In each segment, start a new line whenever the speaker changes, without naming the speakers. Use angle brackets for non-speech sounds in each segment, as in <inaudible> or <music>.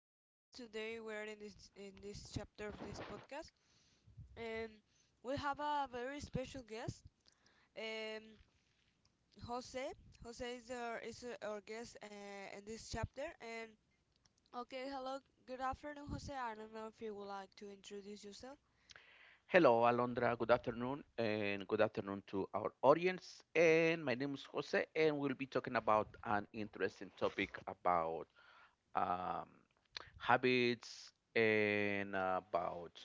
everybody. Today we're in this chapter of this podcast, and we have a very special guest, um, Jose. Jose is our guest in this chapter. And okay, hello, good afternoon, Jose. I don't know if you would like to introduce yourself.
Hello, Alondra. Good afternoon, and good afternoon to our audience. And my name is Jose, and we'll be talking about an interesting topic about um, habits and about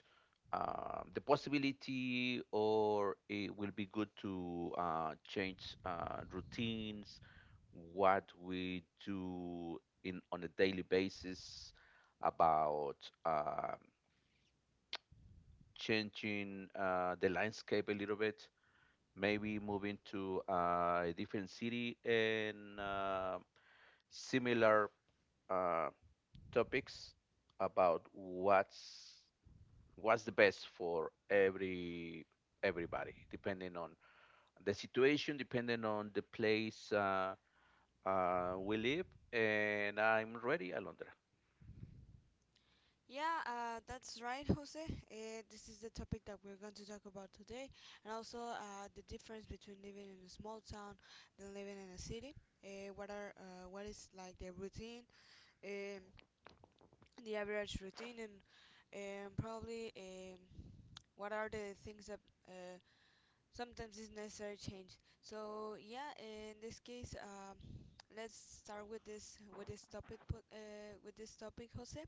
the possibility, or it will be good to change routines, what we do in on a daily basis about. Changing the landscape a little bit, maybe moving to a different city and similar uh, topics about what's the best for everybody, depending on the situation, depending on the place we live. And I'm ready, Alondra.
Yeah, that's right, <laughs> Jose. This is the topic that we're going to talk about today, and also the difference between living in a small town than living in a city. What is like the routine um, the average routine and probably what are the things that uh, sometimes is necessary change. So yeah, in this case, let's start with this topic, Jose.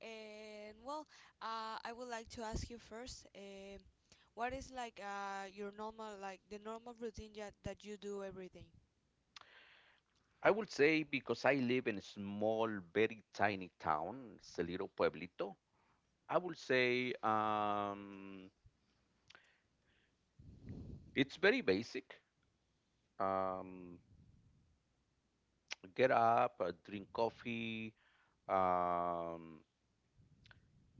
And well, I would like to ask you first. What is like your normal like the normal routine that you do every day?
I would say because I live in a small, very tiny town, it's a little pueblito. I would say it's very basic. Um, get up, drink coffee, um,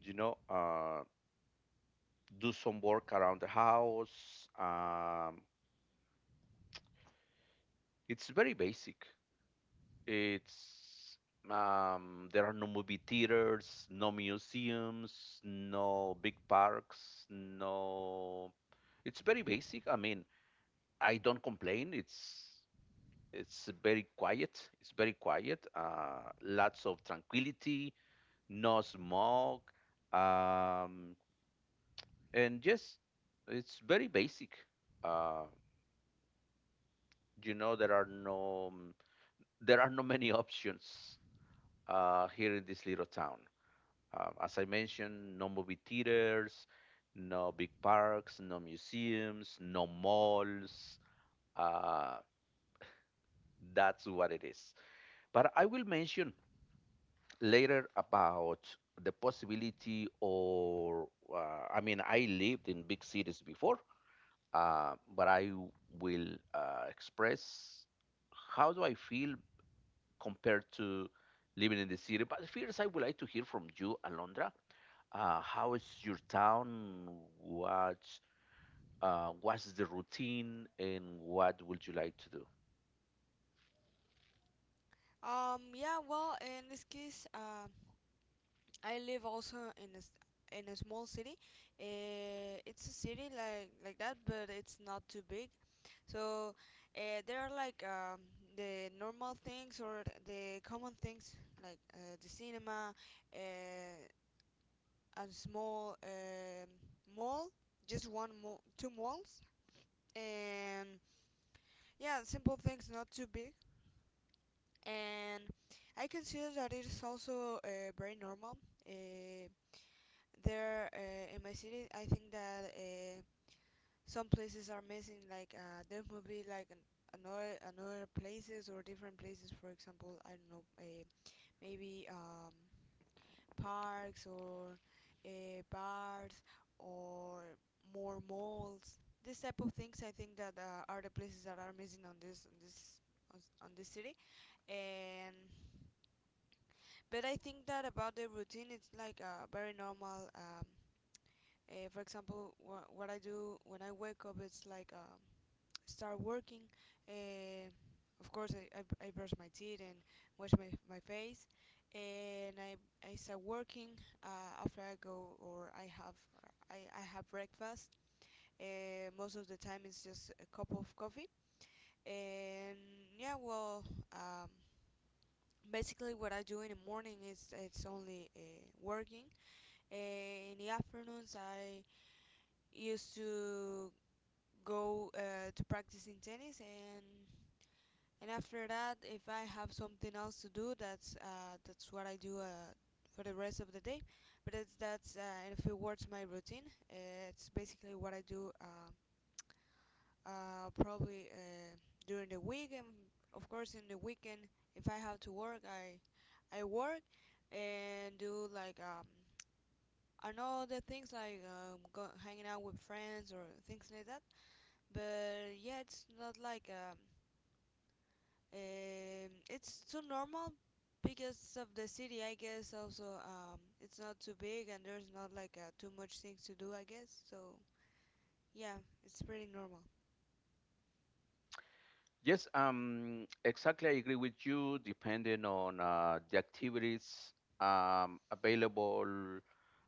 you know, uh, do some work around the house. It's very basic. It's there are no movie theaters, no museums, no big parks, no. It's very basic. I mean, I don't complain. It's very quiet. It's very quiet. Lots of tranquility, no smoke, um, and just it's very basic. Uh, you know, there are no there are no many <laughs> options here in this little town. As I mentioned, no movie theaters, no big parks, no museums, no malls. Uh, that's what it is. But I will mention later about the possibility. Or I mean, I lived in big cities before, but I will express how do I feel compared to living in the city. But first I would like to hear from you, Alondra. How is your town? What what's the routine, and what would you like to do?
Yeah, well, in this case, I live also in a small city. It's a city like that, but it's not too big. So there are like the normal things or the common things like the cinema, uh, a small mall, just one mall, two malls, and yeah, simple things, not too big. And I consider that it is also very normal. Uh, there In my city, I think that some places are missing like there must be like an, another places or different places, for example. I don't know, maybe parks or bars or more malls, this type of things. I think that are the places that are missing on this city. And but I think that about the routine, it's like very normal. For example, what I do when I wake up is like start working. Uh, of course, I brush my teeth and wash my face, and I start working after I go or I have breakfast. Most of the time, it's just a cup of coffee. And yeah, well, um, basically, what I do in the morning is it's only working. In the afternoons, I used to go to practicing tennis, and after that, if I have something else to do, that's what I do for the rest of the day. But it's that's in a few words, my routine. It's basically what I do, probably during the week, and of course in the weekend, if I have to work, I work and do like, I know, the things like go, hanging out with friends or things like that. But yeah, it's not like, it's too normal because of the city, I guess. Also, it's not too big and there's not like too much things to do, I guess. So yeah, it's pretty normal.
Yes, exactly. I agree with you. Depending on the activities available,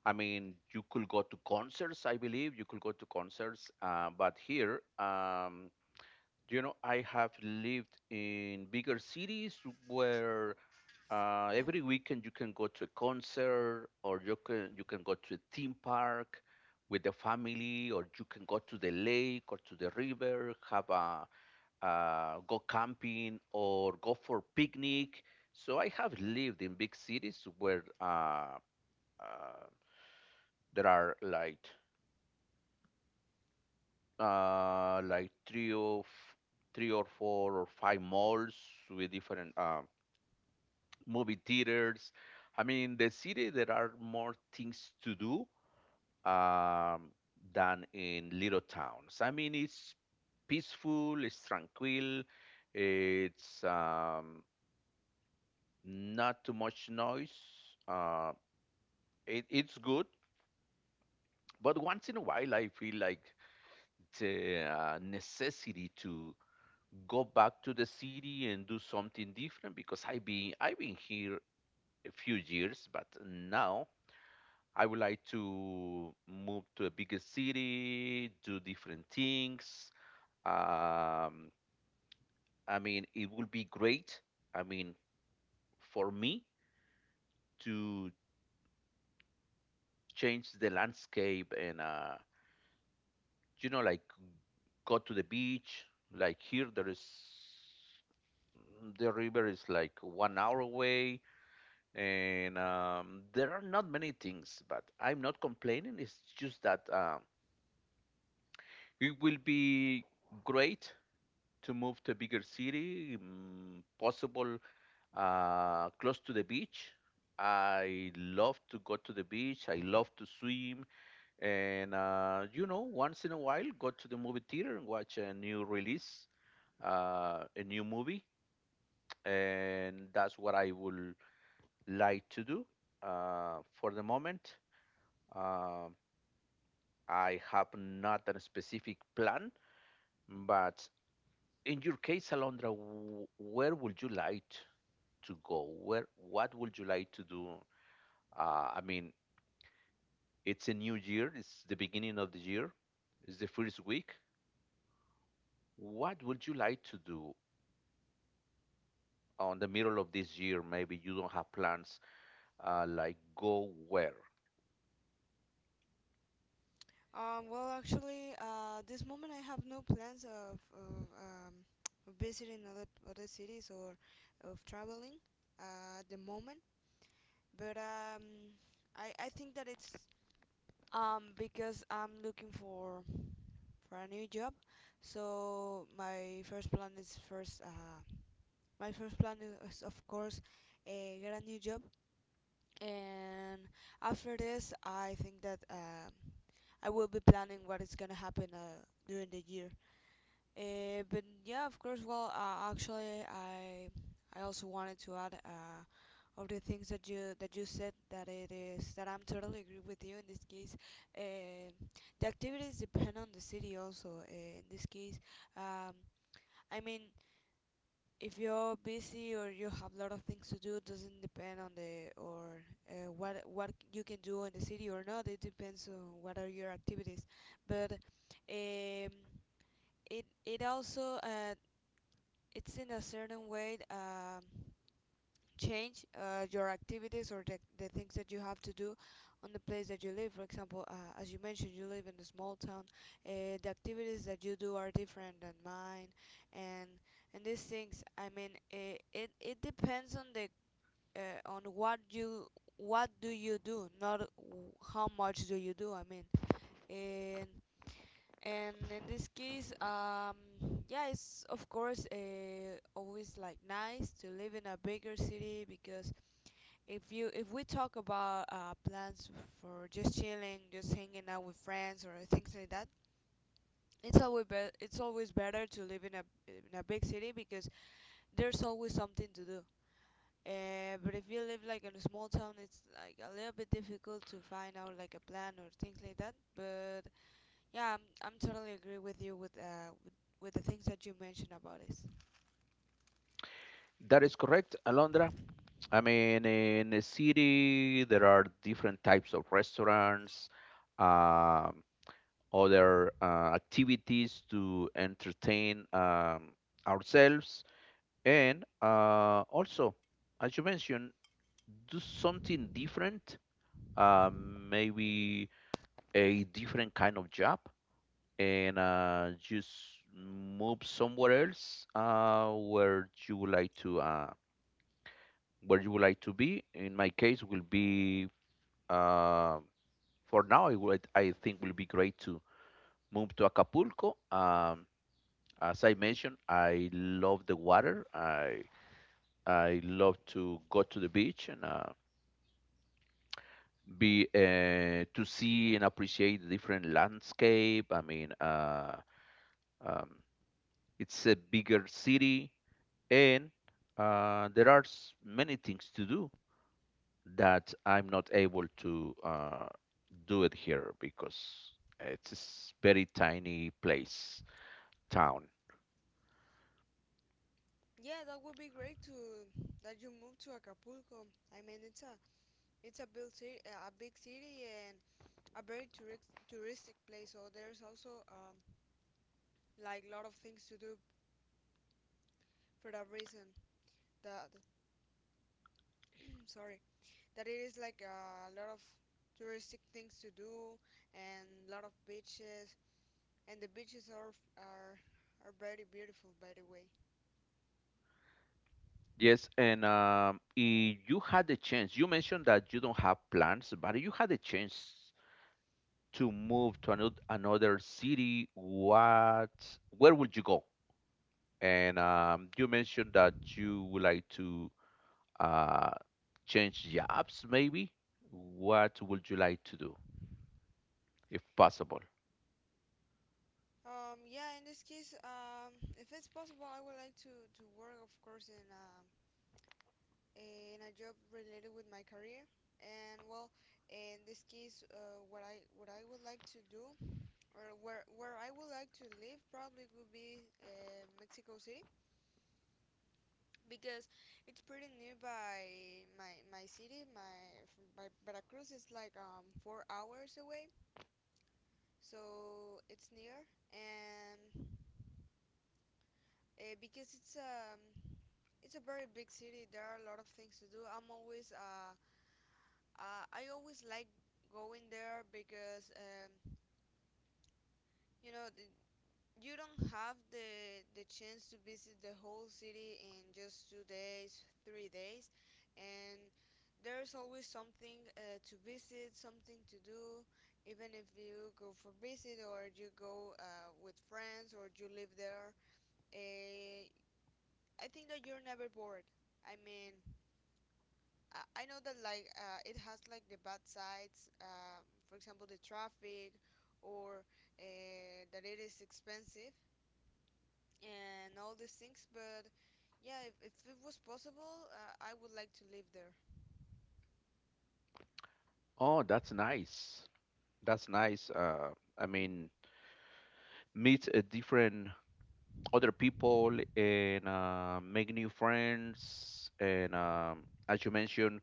I mean, you could go to concerts. I believe you could go to concerts, but here, I have lived in bigger cities where
Yeah.
every weekend you can go to a concert, or you can go to a theme park with the family, or you can go to the lake or to the river, have a go camping or go for picnic. So I have lived in big cities where uh, there are like three or four or five malls with different movie theaters. I mean, the city there are more things to do um, than in little towns. I mean, it's peaceful, it's tranquil, it's not too much noise. Uh, it's good, but once in a while, I feel like the necessity to go back to the city and do something different because I've been here a few years, but now I would like to move to a bigger city, do different things. Um, I mean, it would be great. I mean, for me to change the landscape and like go to the beach. Like here, there is the river is like 1 hour away, and there are not many things. But I'm not complaining. It's just that it will be great to move to a bigger city, possible close to the beach. I love to go to the beach. I love to swim, and once in a while, go to the movie theater and watch a new release, a new movie, and that's what I would like to do. For the moment, uh, I have not a specific plan, but in your case, Alondra, where would you like to go? Where, what would you like to do? I mean, it's a new year. It's the beginning of the year. It's the first week. What would you like to do on the middle of this year? Maybe you don't have plans. Like go where?
Well, actually, this moment I have no plans of visiting other cities or of traveling at the moment. But I think that it's because I'm looking for a new job. So my first plan is first, my first plan is, of course, get a new job. And after this, I think that I will be planning what is gonna happen during the year. But yeah, of course. Well, actually, I also wanted to add of the things that you said, that it is that I'm totally agree with you in this case. Uh, the activities depend on the city also. In this case, um, I mean, if you're busy or you have a lot of things to do, it doesn't depend on the or what you can do in the city or not. It depends on what are your activities. But um, it also it's in a certain way change your activities or the things that you have to do on the place that you live. For example, as you mentioned, you live in a small town. The activities that you do are different than mine, and these things. I mean, it depends on the uh, on what you, what do you do, not how much do you do. I mean, and in this case, yeah, it's of course always like nice to live in a bigger city because if you if we talk about plans for just chilling, just hanging out with friends or things like that, it's always it's always better to live in a big city because there's always something to do. But if you live like in a small town, it's like a little bit difficult to find out like a plan or things like that. But yeah, I'm totally agree with you with with the things that you mentioned about this.
That is correct, Alondra. I mean, in a city, there are different types of restaurants, um, other activities to entertain ourselves, and also, as you mentioned, do something different, maybe a different kind of job, and just move somewhere else where you would like to be. In my case, will be um for now. It would, I think, will be great to move to Acapulco. As I mentioned, I love the water. I love to go to the beach and be to see and appreciate the different landscape. I mean, um, it's a bigger city, and there are many things to do that I'm not able to, do it here because it's a very tiny place, town.
Yeah, that would be great to that you move to Acapulco. I mean, it's a big city, a big city, and a very tourist touristic place. So there's also like lot of things to do for that reason. That <clears throat> sorry, that it is like a lot of touristic things to do and lot of beaches, and the beaches are are very beautiful, by the way.
Yes, and if you had the chance, you mentioned that you don't have plans, but if you had the chance to move to another city, what, where would you go? And you mentioned that you would like to uh, change jobs, maybe. What would you like to do, if possible?
Yeah, in this case, if it's possible, I would like to work, of course, in a job related with my career. And well, in this case, what I would like to do, or where I would like to live, probably would be Mexico City because it's pretty nearby my city. My Veracruz is like 4 hours away, so it's near. And because it's a very big city. There are a lot of things to do. I always like going there because you know, you don't have the chance to visit the whole city in just 2 days, 3 days, and there's always something to visit, something to do. Even if you go for visit or you go with friends or you live there, uh, I think that you're never bored. I mean, I know that like it has like the bad sides, for example, the traffic, or that it is expensive and all these things. But yeah, if it was possible, I would like to live there.
Oh, that's nice. That's nice. I mean, meet a different other people and make new friends and as you mentioned,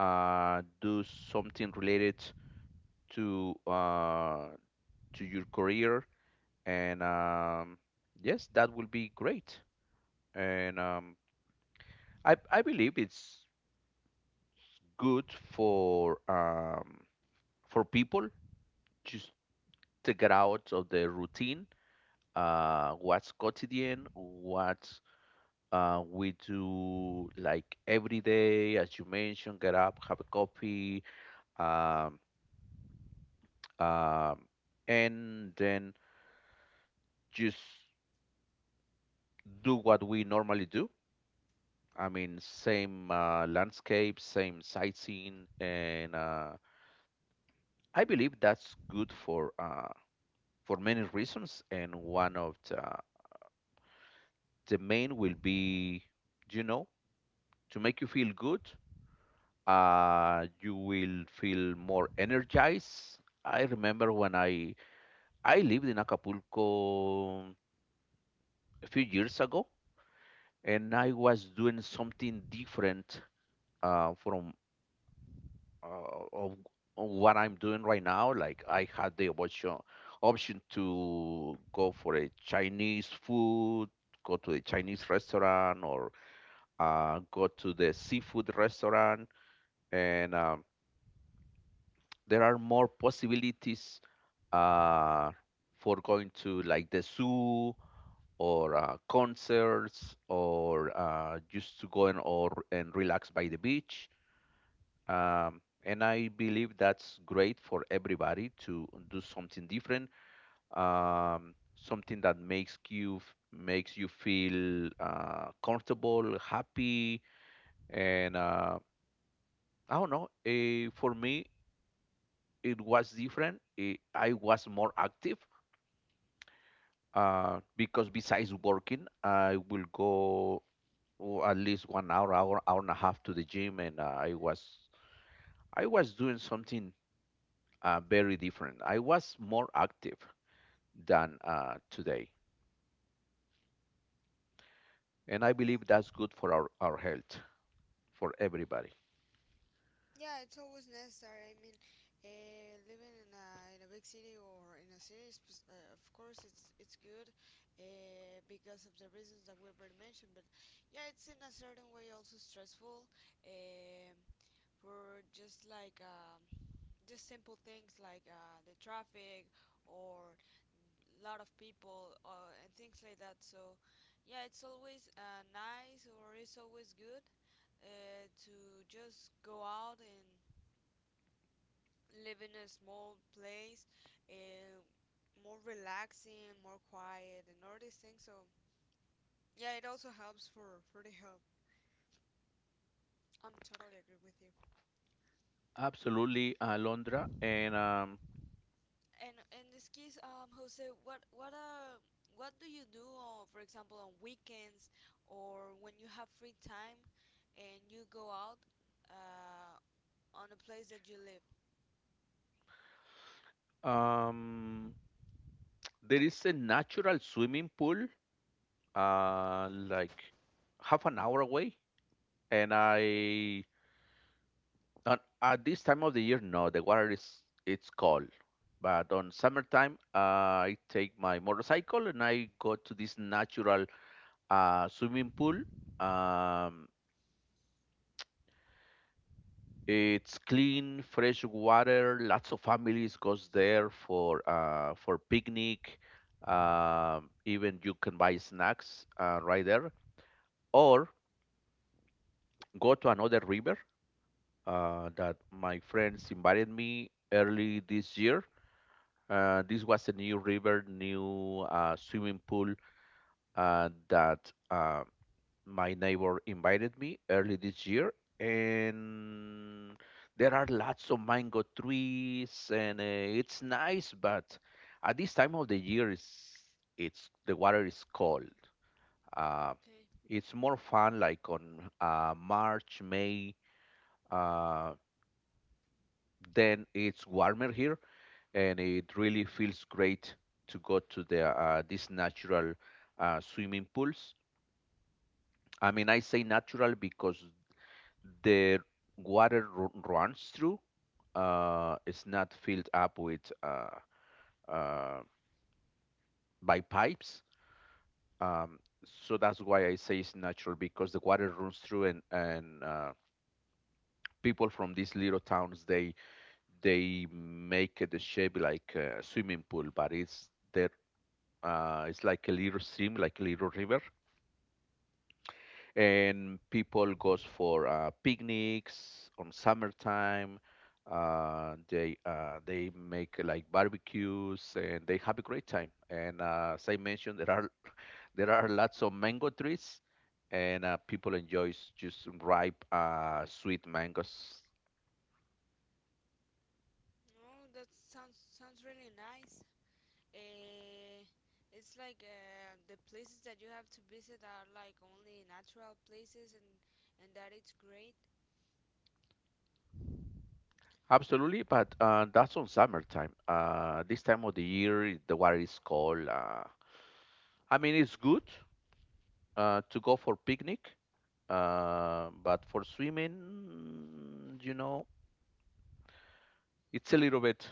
do something related to uh, to your career, and yes, that will be great. And I believe it's good for people just to get out of the routine, what's quotidian, what we do like every day. As you mentioned, get up, have a coffee, um, um, and then just do what we normally do. I mean, same landscape, same sightseeing, and I believe that's good for many reasons. And one of the main will be, you know, to make you feel good. You will feel more energized. I remember when I lived in Acapulco a few years ago, and I was doing something different from uh, of, of, what I'm doing right now. Like I had the option to go for a Chinese food, go to a Chinese restaurant, or go to the seafood restaurant, and there are more possibilities uh, for going to like the zoo or concerts or just to go and, or, and relax by the beach. And I believe that's great for everybody to do something different, something that makes you makes you feel comfortable, happy, and I don't know. For me, it was different. I was more active because besides working, I will go oh, at least 1 hour, hour, hour and a half to the gym, and I was doing something very different. I was more active than today, and I
Yeah,
believe that's good for our health for everybody.
yeah, it's always necessary. I mean, living in a big city or in a city, of course, it's good because of the reasons that we already mentioned. But yeah, it's in a certain way also stressful. Um, for just like just simple things like the traffic or lot of people and things like that. So yeah, it's always nice or it's always good to just go out and live in a small place, uh, more relaxing, more quiet, and all these things. So yeah, it also helps for the health. I'm totally agree with you.
Absolutely, Alondra, and
And in this case, Jose, what do you do, for example, on weekends or when you have free time and you go out uh, on the place that you live?
um, there is a natural swimming pool like half an hour away. and I at this time of the year, no, the water is it's cold. But on summertime, I take my motorcycle and I go to this natural swimming pool. Um, it's clean, fresh water. Lots of families goes there for picnic. Even you can buy snacks right there, or go to another river that my friends invited me early this year. This was a new river, new swimming pool that my neighbor invited me early this year. And there are lots of mango trees, and it's nice, but at this time of the year, it's the water is cold. Uh,
Okay.
it's more fun like on March, May. Uh, then it's warmer here, and it really feels great to go to the these natural swimming pools. I mean, I say natural because the runs through. It's not filled up with uh, by pipes. Um, so that's why I say it's natural, because the water runs through. And people from these little towns, they make the shape like a swimming pool, but it's the. It's like a little stream, like a little river, and people goes for picnics on summertime. They make like barbecues and they have a great time. And as I mentioned, there are <laughs> there are lots of mango trees, and people enjoys just ripe sweet mangoes.
Oh, that sounds sounds really nice. Uh, it's like the places that you have to visit are like only natural places, and that it's great.
Absolutely, but that's on summertime. This time of the year, the water is cold. I mean, it's good, to go for picnic, but for swimming, it's a little bit,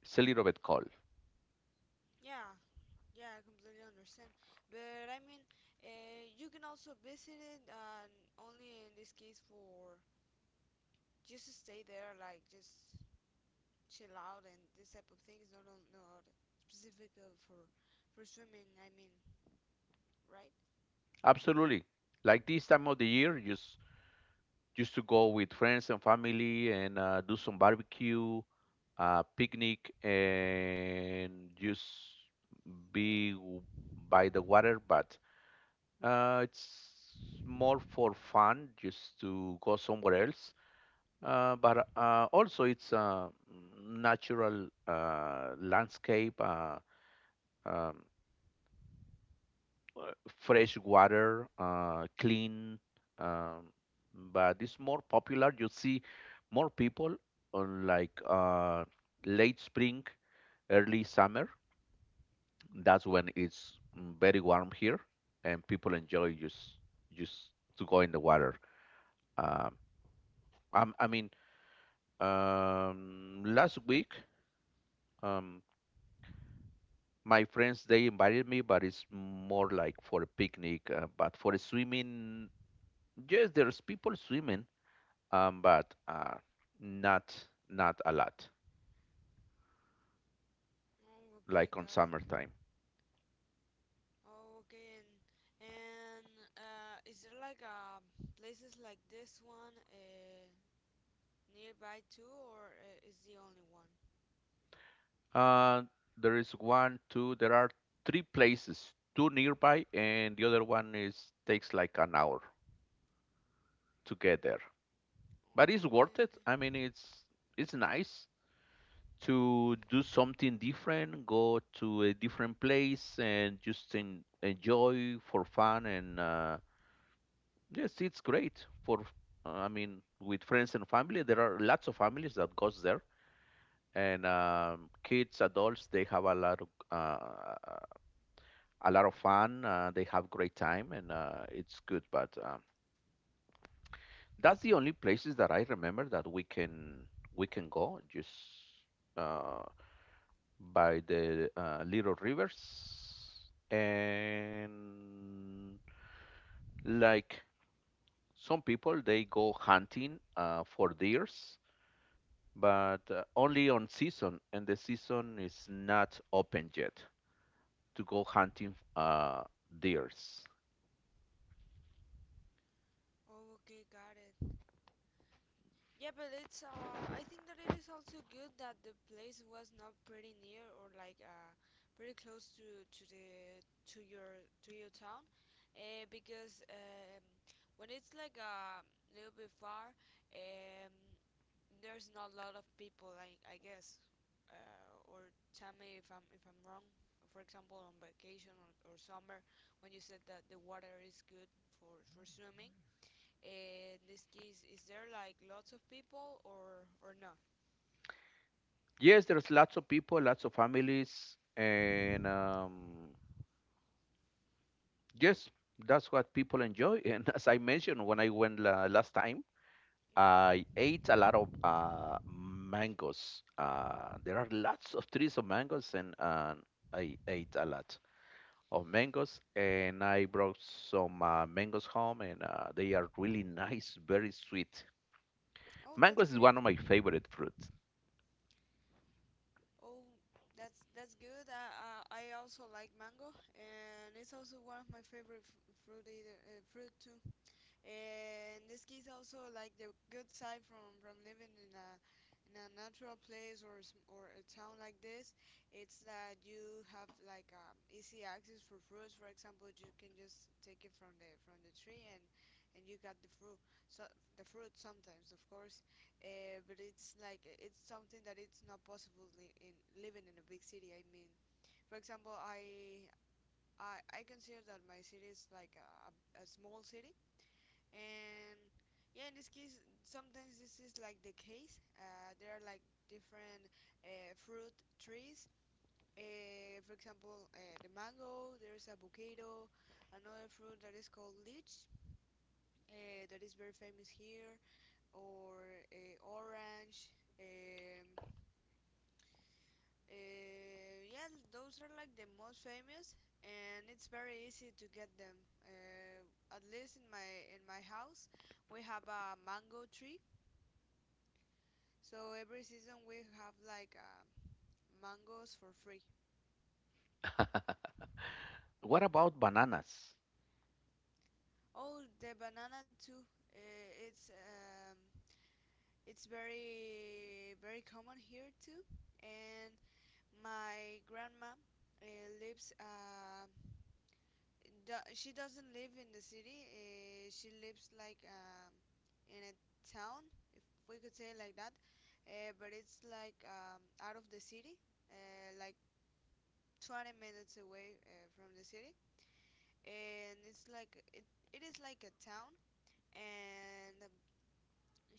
it's a little bit cold.
Yeah, Yeah, I completely understand. But I mean, you can also visit it, and only in this case for just to stay there, like just chill out and this type of things. Not on, not specific for swimming. I mean, right?
Absolutely. Like this time of the year, just to go with friends and family and do some barbecue, picnic, and just be w- by the water. But it's more for fun, just to go somewhere else. But also it's a natural landscape, um, fresh water, clean. Um, but it's more popular. You see more people on late spring, early summer. That's when it's very warm here, and people enjoy just to go in the water. Um, I'm- I mean, last week. Um, my friends they invited me, but it's more like for a picnic, but for swimming, yes, there's people swimming, but not not a lot,
Oh, okay,
like on
got it.
summertime.
Oh, okay, and and is there like places like this one nearby too, or is the only one?
uh there is one two, there are three places, two nearby, and the other one is takes like an hour to get there. But it's
Oh,
worth
okay,
it. i
okay.
mean it's nice to do something different, go to a different place, and just enjoy for fun. And yes, it's great for. I mean, with friends and family, there are lots of families that goes there, and kids, adults, they have a lot of fun. They have great time, and it's good. But that's the only places that I remember that we can go. Just uh, by the little rivers and like some people they go hunting for deers, but only on season, and the season is not open yet to go hunting, deers.
Oh, okay, got it. Yeah, but it's I think that it is also good that the place was not pretty near or like pretty close to your town because when it's like a little bit far, um there's not a lot of people, like I guess, or tell me if I'm wrong. For example, on vacation, or summer, when you said that the water is good for swimming, in this case, is there like lots of people or not?
Yes, there's lots of people, lots of families, and yes, that's what people enjoy. <laughs> And as I mentioned, when I went last time,
Yeah.
I ate a lot of mangoes. There are lots of trees of mangoes, and I ate a lot of mangoes. And I brought some mangoes home, and they are really nice, very sweet.
Oh, that's
Mangoes is
great.
one of my favorite fruits.
Oh, that's good. I also like mango, and it's also one of my favorite fruit either, fruit too. And this gives also like the good side from living in a natural place or or a town like this. It's that you have like easy access for fruits. For example, you can just take it from the tree and you got the fruit. So the fruit sometimes of course, but it's like it's something that it's not possible in living in a big city, I mean. For example, I consider that my city is like a small city. And yeah, in this case, sometimes this is like the case. There are like different fruit trees. For example, the mango, there is avocado, another fruit that is called lychee, that is very famous here, or orange. Yeah, those are like the most famous, and it's very easy to get them. uh, at least in my house, we have a mango tree. So every season we have like mangoes for free.
What about bananas?
Oh, the banana too. It's it's very common here too. And my grandma uh, lives. She doesn't live in the city. She lives like in a town, if we could say it like that. But it's like out of the city, like 20 minutes away from the city. And it's like it is like a town. And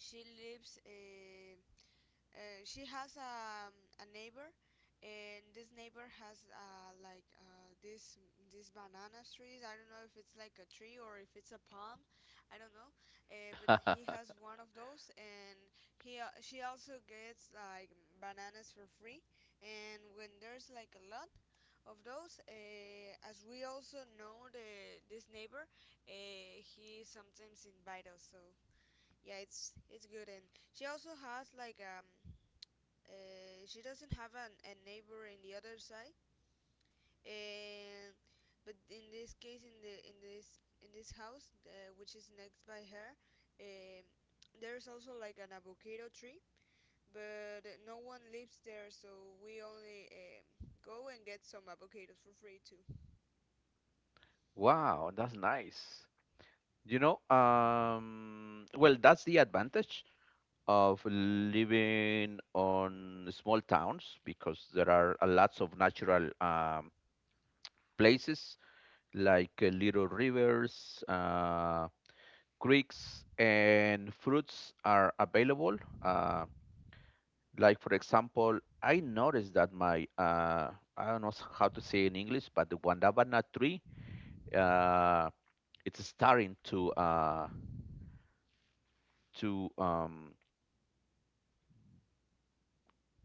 she lives she has a neighbor, and this neighbor has like this these banana trees. I don't know if it's like a tree or if it's a palm, I don't know. Uh, but he has one of those. And he she also gets like bananas for free. And when there's like a lot of those, as we also know the this neighbor, he sometimes invite us. So yeah, it's good. And she also has like she doesn't have a neighbor in the other side. And but in this case, in the in this house, which is next by her, um, there's also like an avocado tree, but no one lives there, so we only go and get some avocados for free too.
Wow, that's nice. You know, well, that's the advantage of living on small towns, because there are a lots of natural places like little rivers, creeks, and fruits are available. Like, for example, I noticed that I don't know how to say in English, but the guandabana tree, uh, it's starting to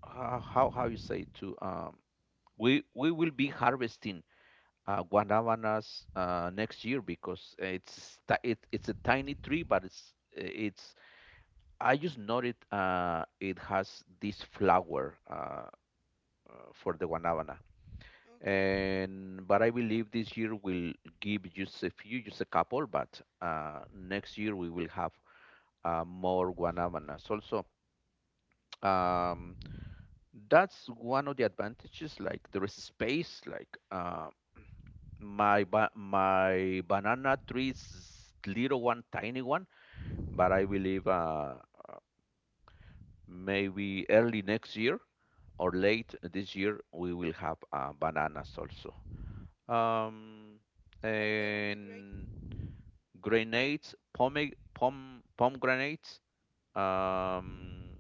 how you say, to, we will be harvesting guanabanas next year, because it's a tiny tree, but it's I just noticed it has this flower, for the guanabana,
Okay.
and but I believe this year will give just a few, just a couple, but next year we will have more guanabanas. Also, um, that's one of the advantages. Like there is space. Like my banana tree is little one, tiny one, but I believe maybe early next year, or late this year we will have bananas also. um,
Oh, that would be great.
and grenades, pomegranates. um,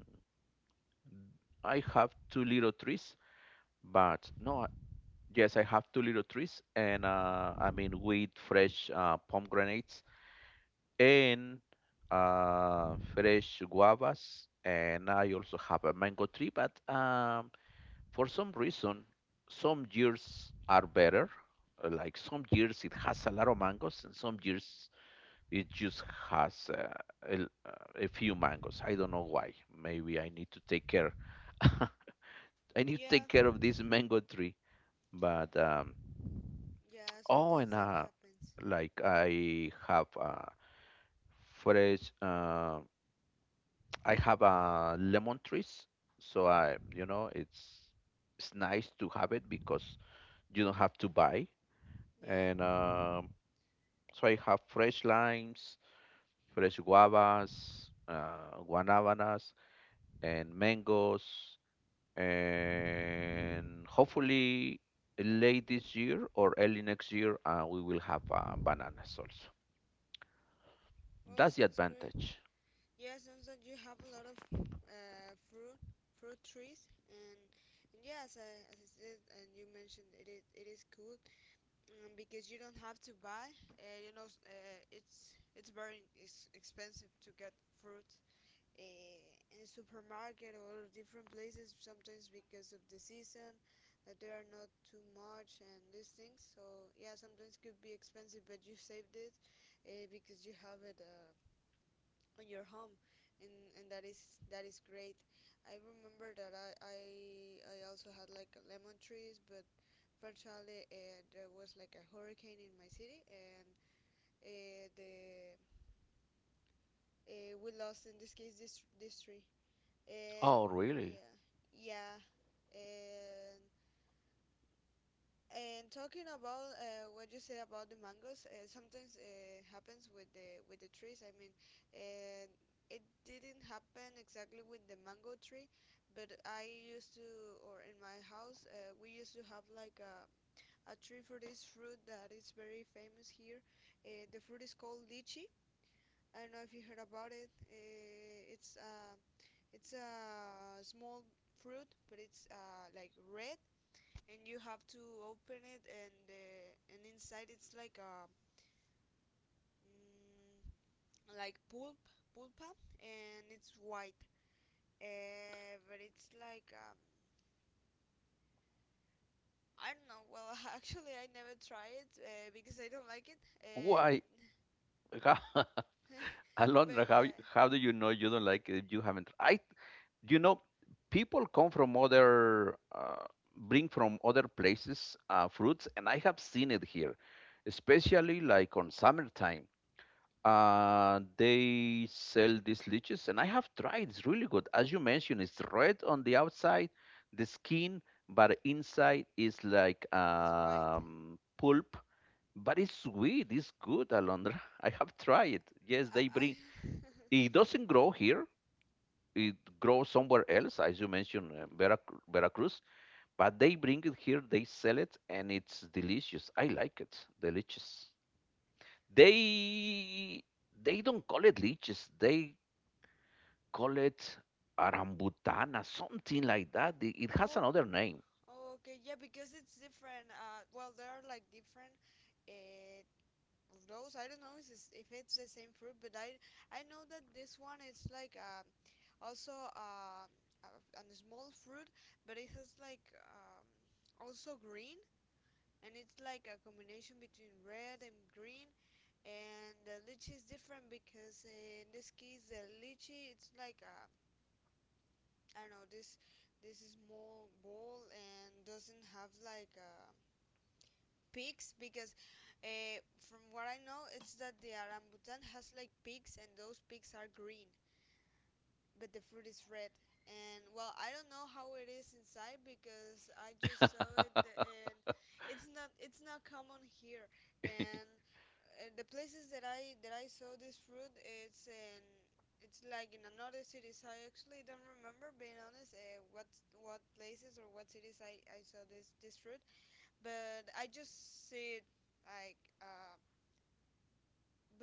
I have two little trees, but no, yes, I have two little trees, and I mean, with fresh pomegranates, and fresh guavas, and I also have a mango tree, but for some reason, some years are better. Like some years it has a lot of mangoes, and some years it just has a few mangoes. I don't know why. Maybe I need to take care. <laughs> I need to
Yeah,
take care of this mango tree. But
yeah.
oh, and
Sometimes that happens.
like I have fresh. I have lemon trees, so I, you know, it's nice to have it, because you don't have to buy. And
Yeah.
so I have fresh limes, fresh guavas, guanabanas, and mangoes, and hopefully late this year or early next year we will have bananas also.
Well,
That's the
sounds great.
advantage.
Yeah, sounds that you have a lot of uh, fruit fruit trees. And yeah, as as I said and you mentioned, it is cool. Um, because you don't have to buy. You know, it's very expensive to get fruit in supermarket or different places sometimes because of the season, that there are not too much and these things. So yeah, sometimes could be expensive, but you saved it because you have it on your home. And that is great. I remember that I also had like lemon trees, but fortunately there was like a hurricane in my city. And the we lost in this case this this tree. And
Oh, really?
yeah, yeah. and And talking about what you say about the mangoes, sometimes happens with the trees, I mean. Uh, it didn't happen exactly with the mango tree, but I used to, or in my house, we used to have like a tree for this fruit that is very famous here. The fruit is called lychee. I don't know if you heard about it. It's a small fruit, but it's like red, and you have to open it and inside it's like a mm, like pulp, pulpa, and it's white. Uh, but it's like I don't know well. <laughs> Actually, I never try it, because I don't like it. Uh,
Why?
but
<laughs> How,
<laughs> but
Alondra,
yeah,
how do you know you don't like it if you haven't? I, you know, people come from other bring from other places fruits, and I have seen it here, especially like on summertime. They sell these leeches, and I have tried, it's really good. As you mentioned, it's red on the outside, the skin, but inside is like
it's white.
pulp. But it's sweet, it's good, Alondra. <laughs> I have tried it, yes, they bring,
I
it doesn't grow here, it grows somewhere else, as you mentioned, Veracruz, but they bring it here, they sell it, and it's delicious. I like it. Delicious. They they don't call it leeches, they call it arambutana, something like that. It
<laughs>
has
oh.
another name.
Oh, okay, yeah, because it's different. Uh, well, there are like different uh, of those. I don't know if it's the same fruit, but I know that this one is like also a, a small fruit, but it has like also green, and it's like a combination between red and green. And the lychee is different, because in this case the lychee, it's like I don't know. This is small ball and doesn't have like a pigs, because uh, from what I know, it's that the orangutan has like pigs, and those pigs are green, but the fruit is red. And well, I don't know how it is inside, because I just saw it, and it's not common here. And
<laughs>
the places that I saw this fruit, it's in it's like in another cities. I actually don't remember, being honest, what places or what cities I saw this this fruit. But I just see it like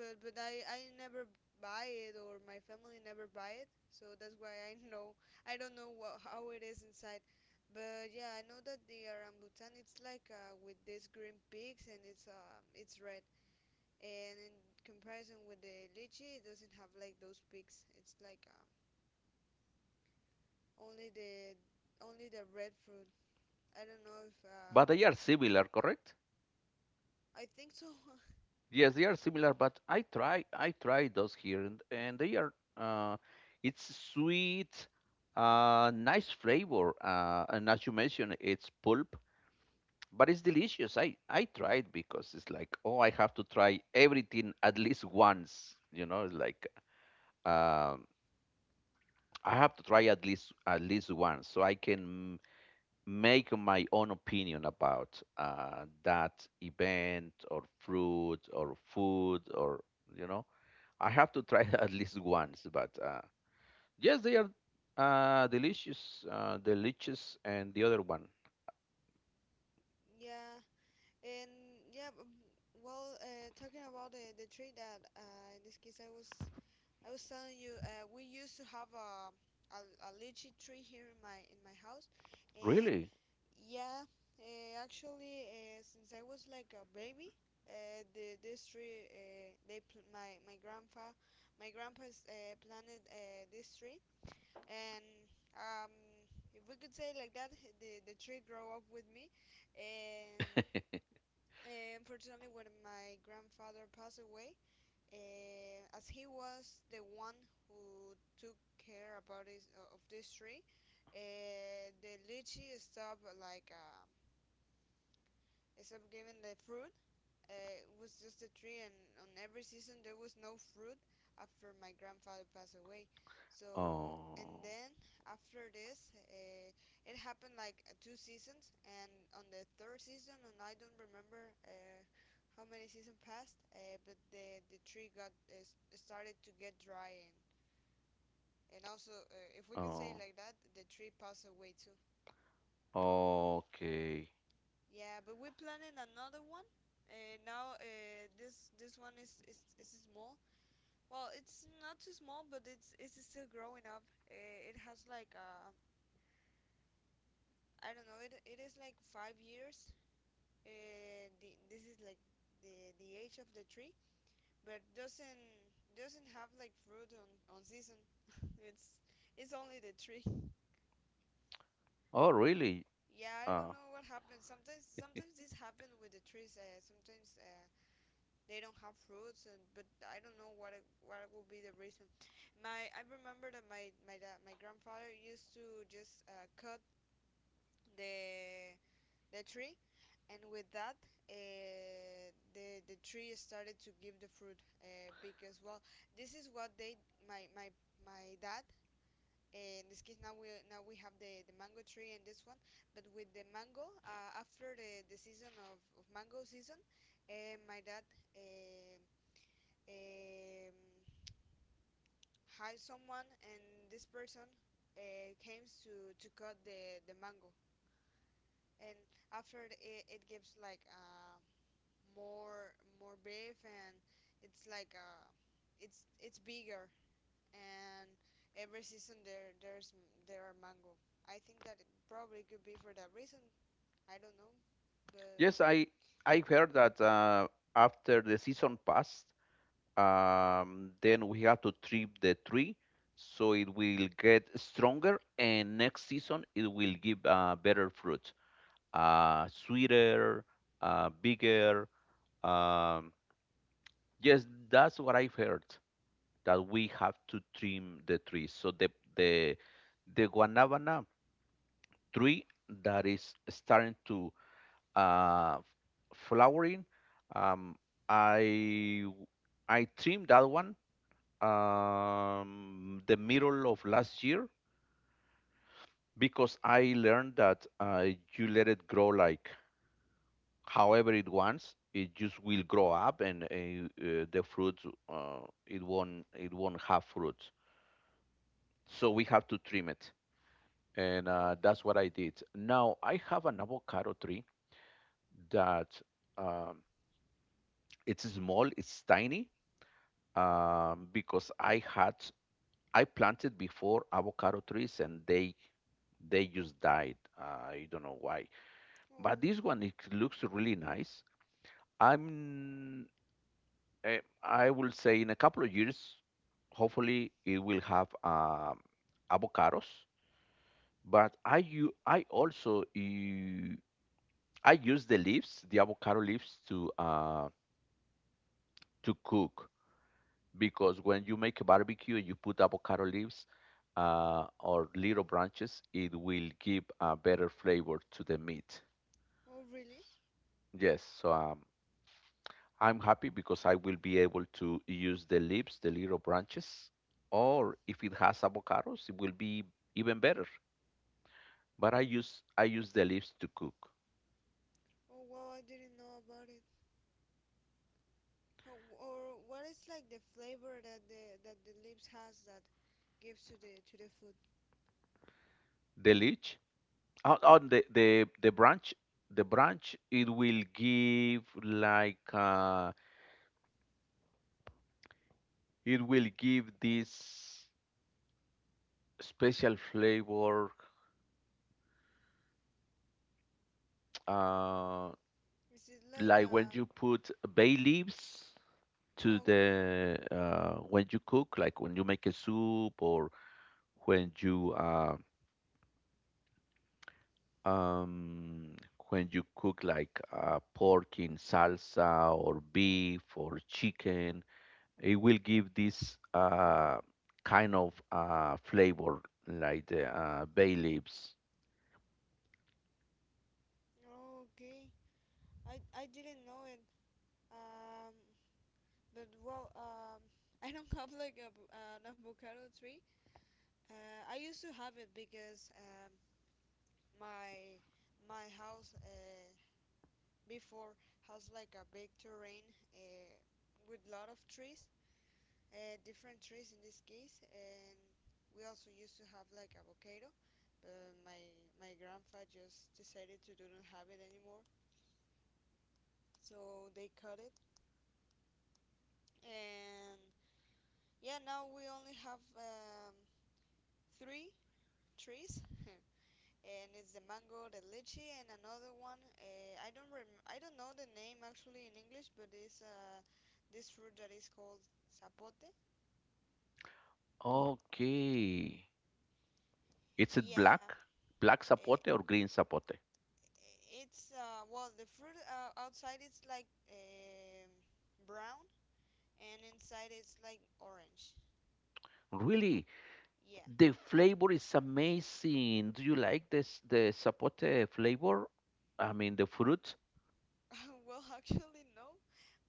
but I never buy it, or my family never buy it, so that's why I <laughs> know I don't know what, how it is inside. But yeah, I know that the orangutan, it's like with these green peaks, and it's red. And in comparison with the lychee, it doesn't have like those peaks. It's like only the only the red fruit. I don't know if
But they are similar, correct?
I think so. <laughs>
Yes, they are similar, but I try those here, and they are it's sweet, nice flavor, and as you mentioned, it's pulp, but it's delicious. I tried, because it's like, oh, I have to try everything at least once. You know, it's like um, I have to try at least once, so I can make my own opinion about that event or fruit or food or you know. I have to try <laughs> at least once, but yes, they are delicious, delicious, and the other one
Yeah. And yeah, well, talking about the tree that in this case I was telling you, we used to have a a lychee tree here in my house. And
really.
yeah, actually since I was like a baby, the this tree they pl- my grandpa my grandpa's planted this tree. And um, if we could say like that, the tree grow up with me. And unfortunately, when my grandfather passed away, as he was the one who took care about of this tree, the lychee stopped like stopped giving the fruit. Uh, it was just a tree, and on every season there was no fruit after my grandfather passed away. So, and
Oh,
then after this, it happened like two seasons, and on the third season, and I don't remember how many season passed, but the tree got started to get dry, and also if we could say it
oh,
like that, the tree passed away too.
okay.
Yeah, but we're planning another one. Now this this one is is small. Well, it's not too small, but it's still growing up. It has like I don't know. It is like 5 years. This is like the age of the tree, but doesn't have like fruit on season. <laughs> it's it's only the tree.
Oh, really?
Yeah, I don't
Uh,
know what happened. Sometimes sometimes this happens with the trees. Sometimes they don't have fruits. And but I don't know what would be the reason. My I remember that my dad, my grandfather, used to just cut the the tree, and with that the tree started to give the fruit, because well this is what they my my my dad. In this case, now we have the mango tree and this one. But with the mango, after the season of mango season, my dad uh, um, hire someone, and this person came to cut the mango. And after it, it gives like more more beef, and it's like it's bigger. And every season there are mango. I think that it probably could be for that reason. I don't know, but
yes, I heard that after the season passed, then we have to trim the tree, so it will get stronger, and next season it will give better fruit, sweeter, bigger. Um, yes, that's what I've heard, that we have to trim the trees. So the guanabana tree that is starting to uh, flowering, um, I I trimmed that one the middle of last year, because I learned that you let it grow like however it wants, it just will grow up, and the fruits uh, it won't have fruits, so we have to trim it. And
oh, okay.
that's what I did. Now I have an avocado tree that um, it's small, it's tiny, because I planted before avocado trees, and they just died, I don't know why. But
Oh,
this one, it looks really nice. i'm I will say in a couple of years, hopefully it will have avocados. But I u- I also u- I use the leaves, the avocado leaves, to cook, because when you make a barbecue and you put avocado leaves or little branches, it will give a better flavor to the meat.
oh really.
Yes, so I'm happy, because I will be able to use the leaves, the little branches, or if it has avocados, it will be even better. But I use the leaves to cook.
Oh wow, I didn't know about it. How, or what is like the flavor that the leaves has that gives to the food?
The leech on, the branch, the branch it will give like it will give this special flavor, uh,
Is it like
like when
uh?
you put bay leaves to
Oh, okay.
the when you cook, like when you make a soup, or when you uh, um, when you cook like pork in salsa, or beef, or chicken, it will give this kind of flavor like the bay leaves.
Okay, I didn't know it. Um, but well, um, <laughs> I don't have like an avocado tree. Uh, I used to have it because my my house before has like a big terrain uh with lot of trees, different trees in this case. And we also used to have like avocado, but my grandpa just decided to do not have it anymore, so they cut it. And yeah, now we only have three trees. <laughs> And it's the mango, the lychee, and another one. I don't I don't know the name actually in English, but it's this fruit that is called zapote.
Okay, is it
Yeah,
black, black
uh,
sapote or green sapote?
it's well the fruit outside is like brown, and inside it's like orange.
Really,
Yeah.
the flavor is amazing. Do you like this the sapote flavor? I mean the fruit.
<laughs> Well, actually no,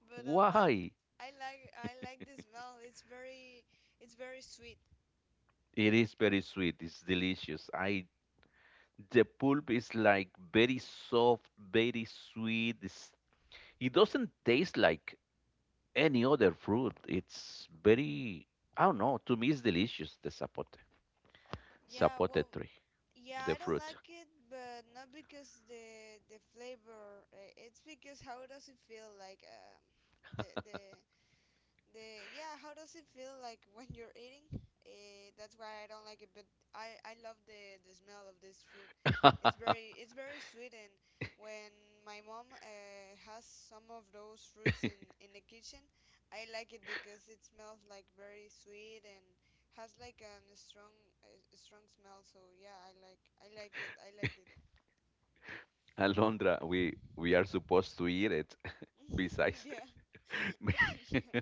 but I like
Why?
I like I like the smell. It's very sweet.
It is very sweet. It's delicious. I, the pulp is like very soft, very sweet. It's, it doesn't taste like any other fruit. It's very, I don't know. To me, it's delicious. The zapote,
Yeah,
zapote
well,
tree,
yeah,
the
I don't
fruit.
like it, but not because the flavor. It's because how does it feel like, the the the yeah, how does it feel like when you're eating? That's why I don't like it, but I love the smell of this fruit.
<laughs>
It's very sweet, and when my mom, has some of those fruits in the kitchen, I like it because it smells like very sweet and has like a strong smell. So yeah, I like it. I like it.
Alondra, we are supposed to eat it. <laughs>
<laughs>
Besides,
Yeah. <laughs> Yeah.
<laughs>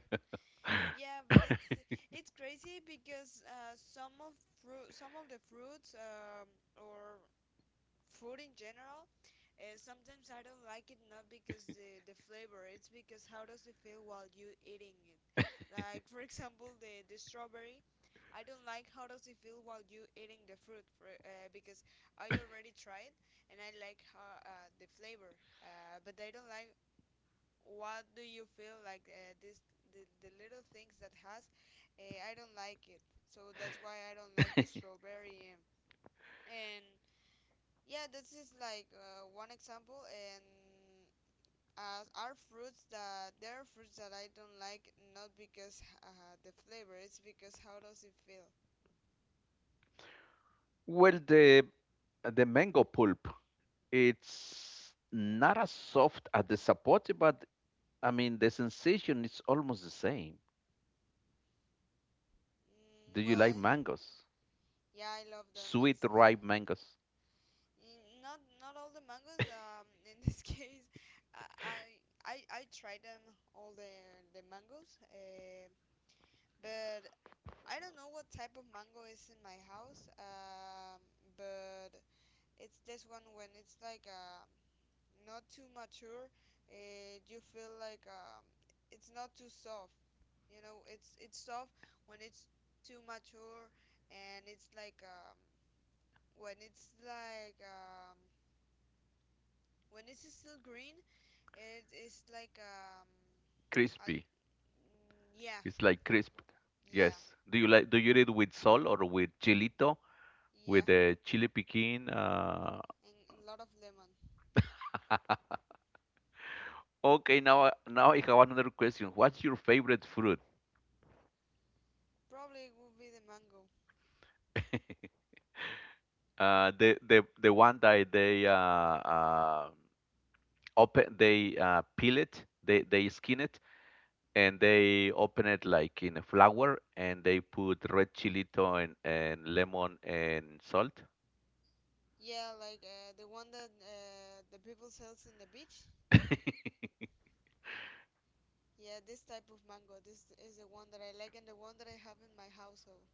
Yeah, but it's crazy because, some of the fruits, or fruit in general, sometimes I don't like it, not because the flavor, it's because how does it feel while you eating it. Like for <laughs> example, the strawberry, I don't like how does it feel while you eating the fruit for, because I already tried and I like how, the flavor, but I don't like what do you feel like, this the little things that has, I don't like it, so that's why I don't like the strawberry. And Yeah, this is like, one example, and, are fruits that there are fruits that I don't like, not because, the flavor, it's because how does it feel.
well, the mango pulp, it's not as soft as the zapote, but I mean, the sensation is almost the same. Do you
Well,
like
I
mangoes?
yeah, I love them.
Sweet
It's like —
ripe mangoes,
Mm, not all the mangoes. In this <laughs> case, I I I I tried them all the mangoes. But I don't know what type of mango is in my house. But it's this one when it's like, not too mature. You feel like, it's not too soft. You know, it's soft when it's too mature, and it's like, when it's like, when it's still green, it is like, a,
crispy.
mm, yeah,
It's like crisp.
yeah,
Yes. Do you like? Do you eat it with salt or with chilito?
yeah,
With the chili piquin?
and a lot of lemon.
Okay. Now, now I have another question. What's your favorite fruit?
Probably it would be the mango.
The one that they open, they peel it, they skin it, and they open it like in a flour, and they put red chili tone and lemon and salt.
Yeah, like, the one that, the people sells in the beach. Yeah, this type of mango. This is the one that I like and the one that I have in my household.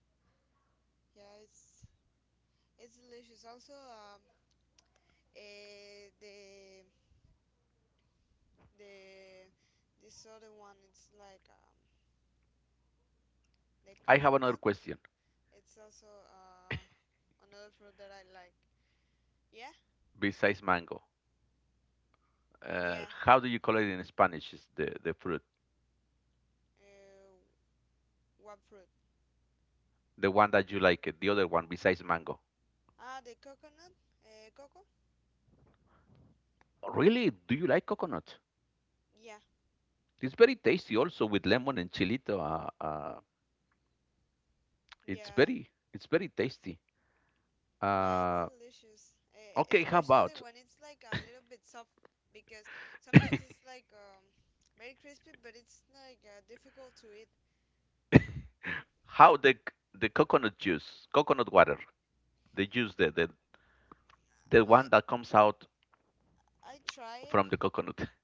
Yeah, it's delicious. Also, eh, the the this other one. It's like, the
I have another
coconut.
question
It's also, another fruit that I like. Yeah.
besides mango.
Yeah.
How do you call it in Spanish? The fruit,
Uh, what fruit?
the one that you like, the other one besides mango.
Ah, the coconut. Cocoa.
Really, do you like coconut?
Yeah.
It's very tasty also with lemon and chilito. It's
Yeah.
very, it's very tasty.
Yeah, it's
Uh,
delicious.
okay, how
Especially
about
when it's like a little bit soft, because sometimes it's like, very crispy, but it's like, difficult to eat.
how the the coconut juice, coconut water, the juice, the
I
one that comes out
I try
from the
it.
coconut. <laughs>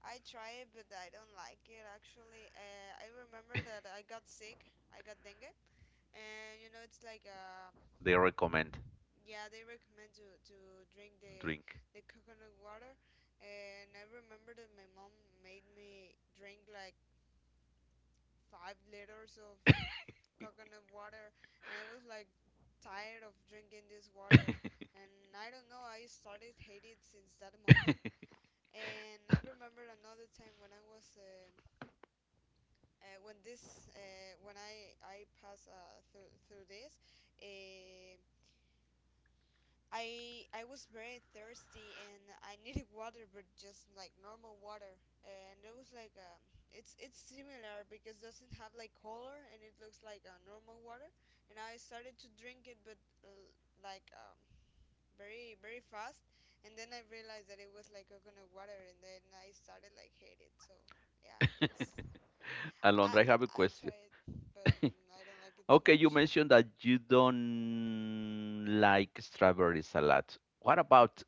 I try it, but I don't like it actually. I remember that I got sick. I got dengue, and you know it's like a —
They recommend
yeah, they recommend to drink the
drink.
coconut water, and I remember that my mom made me drink like 5 liters of coconut water, and I was like tired of drinking this water, and I don't know, I started hate it since that moment. And I remember another time when I passed, through this. Uh, I was very thirsty and I needed <laughs> water, but just like normal water. And it was like, it's similar because it doesn't have like color and it looks like a, normal water. And I started to drink it, but, like, very very fast. And then I realized that it was like coconut water, and then I started like hate it. So yeah, it's
<laughs>
I
Alondra, I have a
I
question.
try it,
<laughs>
but I don't like it too
Okay, you
much.
mentioned that you don't like strawberry salad. What about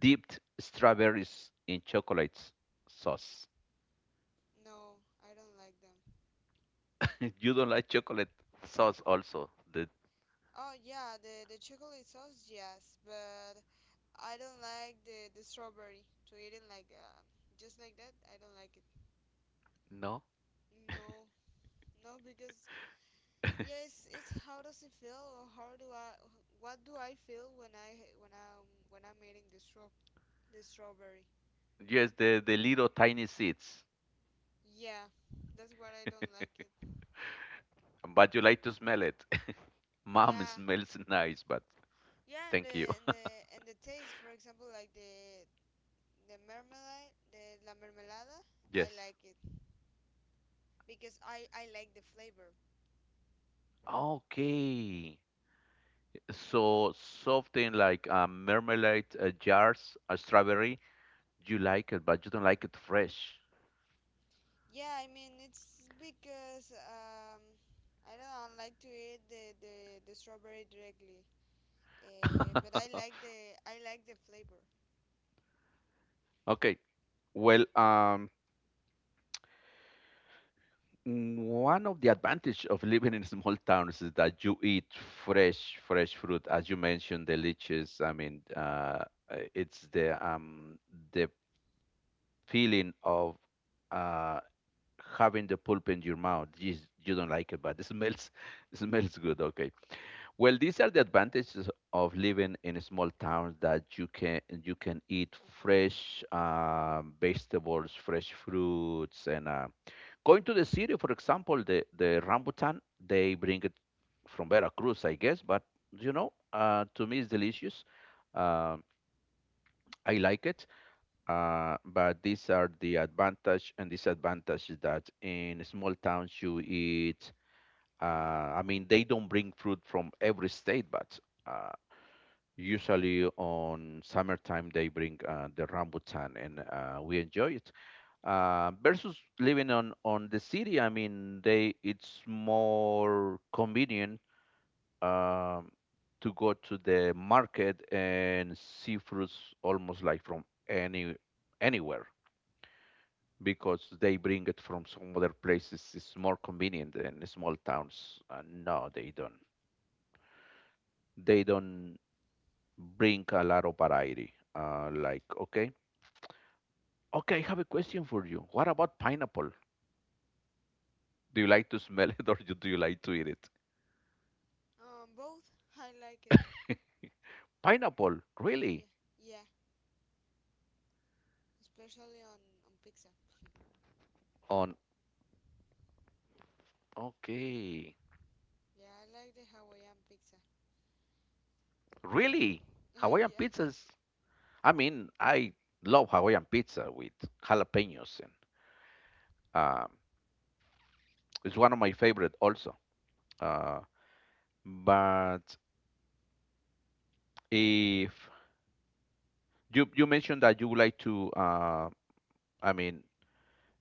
dipped strawberries in chocolate sauce?
No, I don't like them.
<laughs> You don't like chocolate sauce also. The
Oh yeah, the chocolate sauce, yes, but I don't like the strawberry to eat it like, just like that. I don't like it.
no?
No, no, because yes, it's how does it feel, or how do I — what do I feel when I'm eating the straw the strawberry?
Yes, the little tiny seeds.
Yeah, that's what I don't like it.
But you like to smell it. <laughs> Mom, it
Yeah,
smells <laughs> nice, but
yeah,
thank you.
and the taste, for example, like the marmalade, the la mermelada, I
Yes.
like it because I like the flavor.
Okay. So something like a marmalade jars, a strawberry, you like it, but you don't like it fresh.
Yeah, I mean it's because, I don't like to eat the strawberry directly, but
<laughs>
I like the flavor.
Okay. Well, one of the advantage of living in small towns is that you eat fresh fruit, as you mentioned, the leeches. I mean, it's the feeling of uh having the pulp in your mouth. You don't like it, but it smells <laughs> it smells good. Okay. Well, these are the advantages of living in small towns that you can eat fresh vegetables, fresh fruits, and going to the city, for example, the rambutan they bring it from Veracruz, I guess, but you know, to me it's delicious. Um I like it, but these are the advantage and disadvantage that in small towns you eat. I mean, they don't bring fruit from every state, but. Uh, Usually on summertime they bring the rambutan and we enjoy it. Versus living on the city, I mean, they it's more convenient, um, to go to the market and see fruits almost like from anywhere because they bring it from some other places. It's more convenient than small towns. No, they don't. They don't bring a lot of variety. Okay, I have a question for you. What about pineapple? Do you like to smell it <laughs> do you like to eat it?
Both, I like it.
Pineapple,
Yeah,
really?
yeah, especially on pizza.
On, okay,
Yeah, I like the Hawaiian pizza.
really?
And <laughs>
Hawaiian
yeah,
pizzas? I mean, I love Hawaiian pizza with jalapenos, and um, it's one of my favorite also. Uh, but if you mentioned that you would like to, I mean,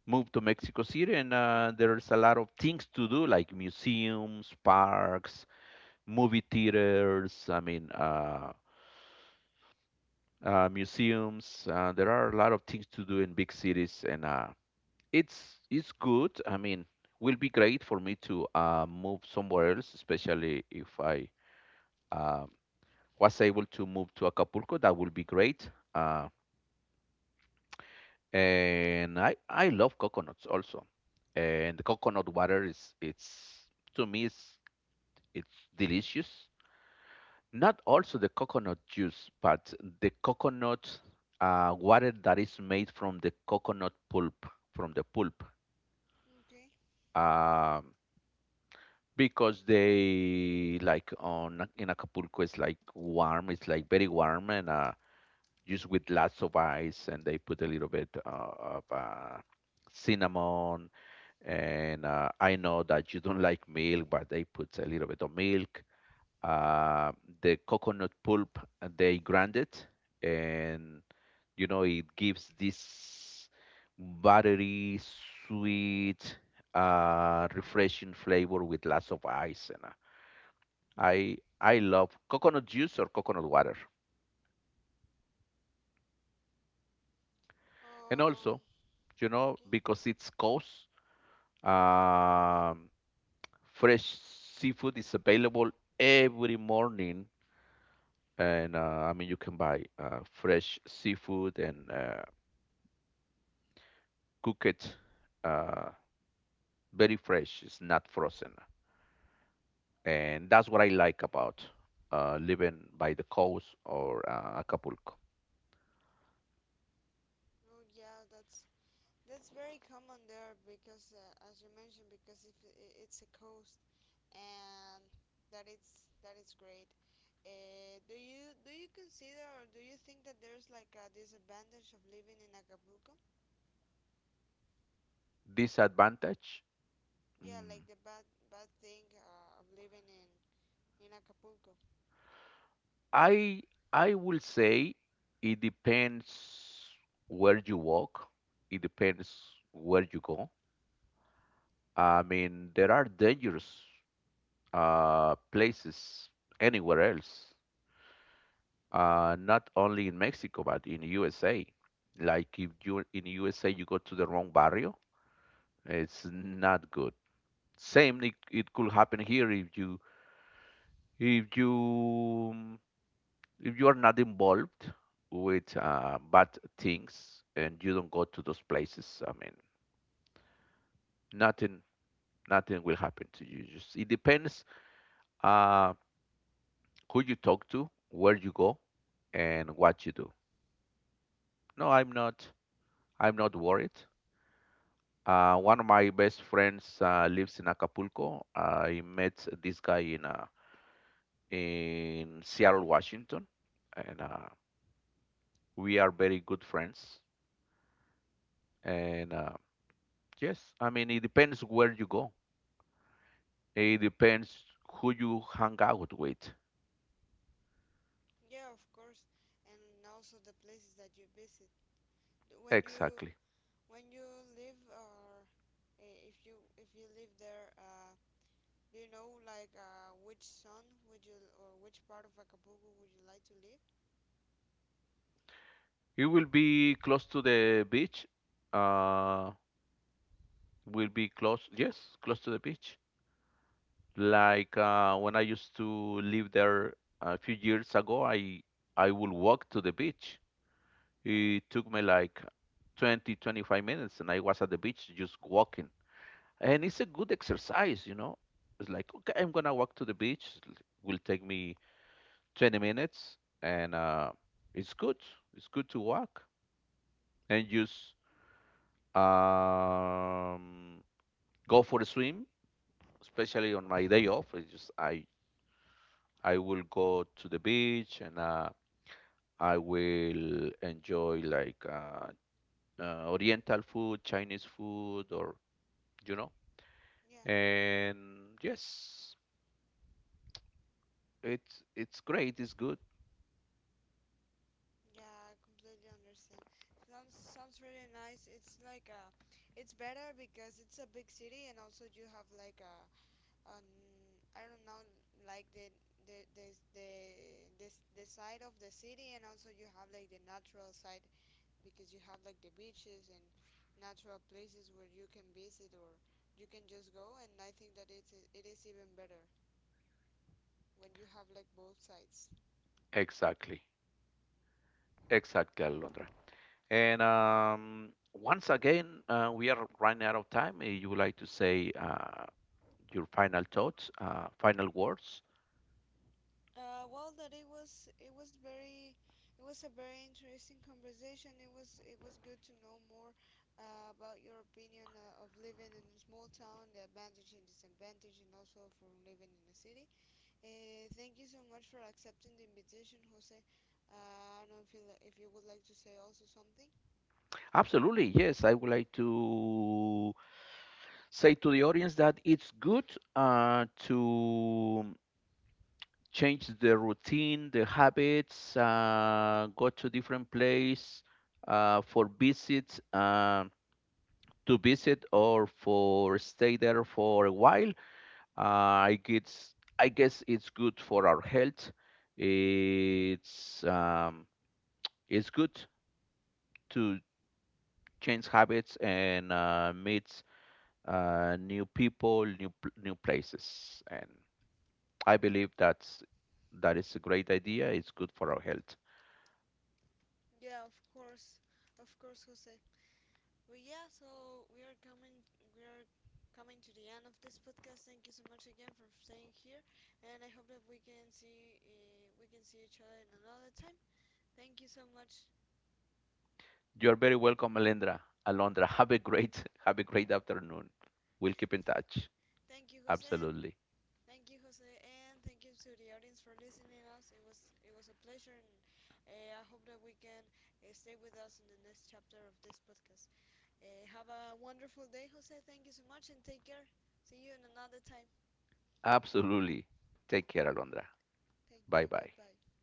move to Mexico City, and there's a lot of things to do like museums, parks, movie theaters, I mean, museums. There are a lot of things to do in big cities, and it's good. I mean, will be great for me to move somewhere else, especially if I um was able to move to Acapulco. That would be great. And I love coconuts also, and the coconut water is it's to me it's delicious. Not also the coconut juice, but the coconut water that is made from the coconut pulp, from the pulp.
okay.
Um, because they like on in Acapulco, it's like warm, it's like very warm, and just with lots of ice, and they put a little bit of cinnamon. And I know that you don't <laughs> like milk, but they put a little bit of milk, uh, the coconut pulp they grind it and you know it gives this buttery sweet, refreshing flavor with lots of ice and uh, I love coconut juice or coconut water. And
Um,
also you know
okay.
because it's coast, um, fresh seafood is available every morning, and uh, I mean you can buy fresh seafood and cooked, uh, very fresh. It's not frozen, and that's what I like about living by the coast or Acapulco.
Oh yeah, that's very common there because, as you mentioned, because if I- it's a coast, and that it's great. Do you consider, or do you think that there's like a disadvantage of living in Acapulco?
Disadvantage,
Yeah, like
mm,
the bad bad thing, of living in Acapulco.
I I will say it depends where you walk. It depends where you go. I mean, there are dangerous places anywhere else. Uh, not only in Mexico but in USA. Like if you in USA, you go to the wrong barrio, it's not good. Same, it could happen here if you if you are not involved with bad things and you don't go to those places. I mean, nothing nothing will happen to you. Just it depends uh, who you talk to, where you go, and what you do. No, I'm not. I'm not worried. One of my best friends lives in Acapulco. I met this guy in Seattle, Washington, and we are very good friends. And yes, I mean it depends where you go. It depends who you hang out with.
Yeah, of course, and also the places that you visit. When you
Exactly.
when you live, or, if you live there. Do you know, like, which zone would you, or which part of Acapulco would you like to live?
It will be close to the beach. Uh, will be close. Yes, close to the beach. Like when I used to live there a few years ago, I would walk to the beach. It took me like 20-25 minutes, and I was at the beach just walking. And it's a good exercise, you know. It's like, okay, I'm gonna walk to the beach. It will take me 20 minutes, and it's good. It's good to walk and just, um, go for a swim, especially on my day off. It's just I will go to the beach and I will enjoy like Oriental food, Chinese food, or you know.
Yeah,
And yes, it's great. It's good.
yeah, I completely understand. Sounds really nice. It's like, it's better because it's a big city, and also you have like a an I don't know, like the the the the, the side of the city, and also you have like the natural side, because you have like the beaches and natural places where you can visit, or you can just go, and I think that it is even better when you have like both sides.
Exactly, exactly, Alondra. And once again, we are running out of time. You would like to say, your final thoughts, final words?
Well, that it was a very interesting conversation. It was good to know more, about your opinion, of living in a small town, the advantage and disadvantage, and also from living in a city. Thank you so much for accepting the invitation, Jose. I don't know if you would like to say also something.
Absolutely, yes. I would like to say to the audience that it's good to change the routine, the habits, go to different place for visits, to visit or for stay there for a while. Uh, I guess it's good for our health. It's um, it's good to change habits and meet new people, new places, and I believe that's that is a great idea. It's good for our health.
Yeah, of course, Jose. Well, yeah, so we are coming to the end of this podcast. Thank you so much again for staying here, and I hope that we can see each other in another time. Thank you so much.
You're very welcome, Alendra. Alondra, have a great afternoon. We'll keep in touch.
Thank you, Jose. And
Absolutely.
thank you, Jose, and thank you to the audience for listening us. It was a pleasure, and, I hope that we can, stay with us in the next chapter of this podcast. Have a wonderful day, Jose. Thank you so much, and take care. See you in another time.
Absolutely. Take care, Alondra.
Thank
Bye
you.
bye.
Goodbye.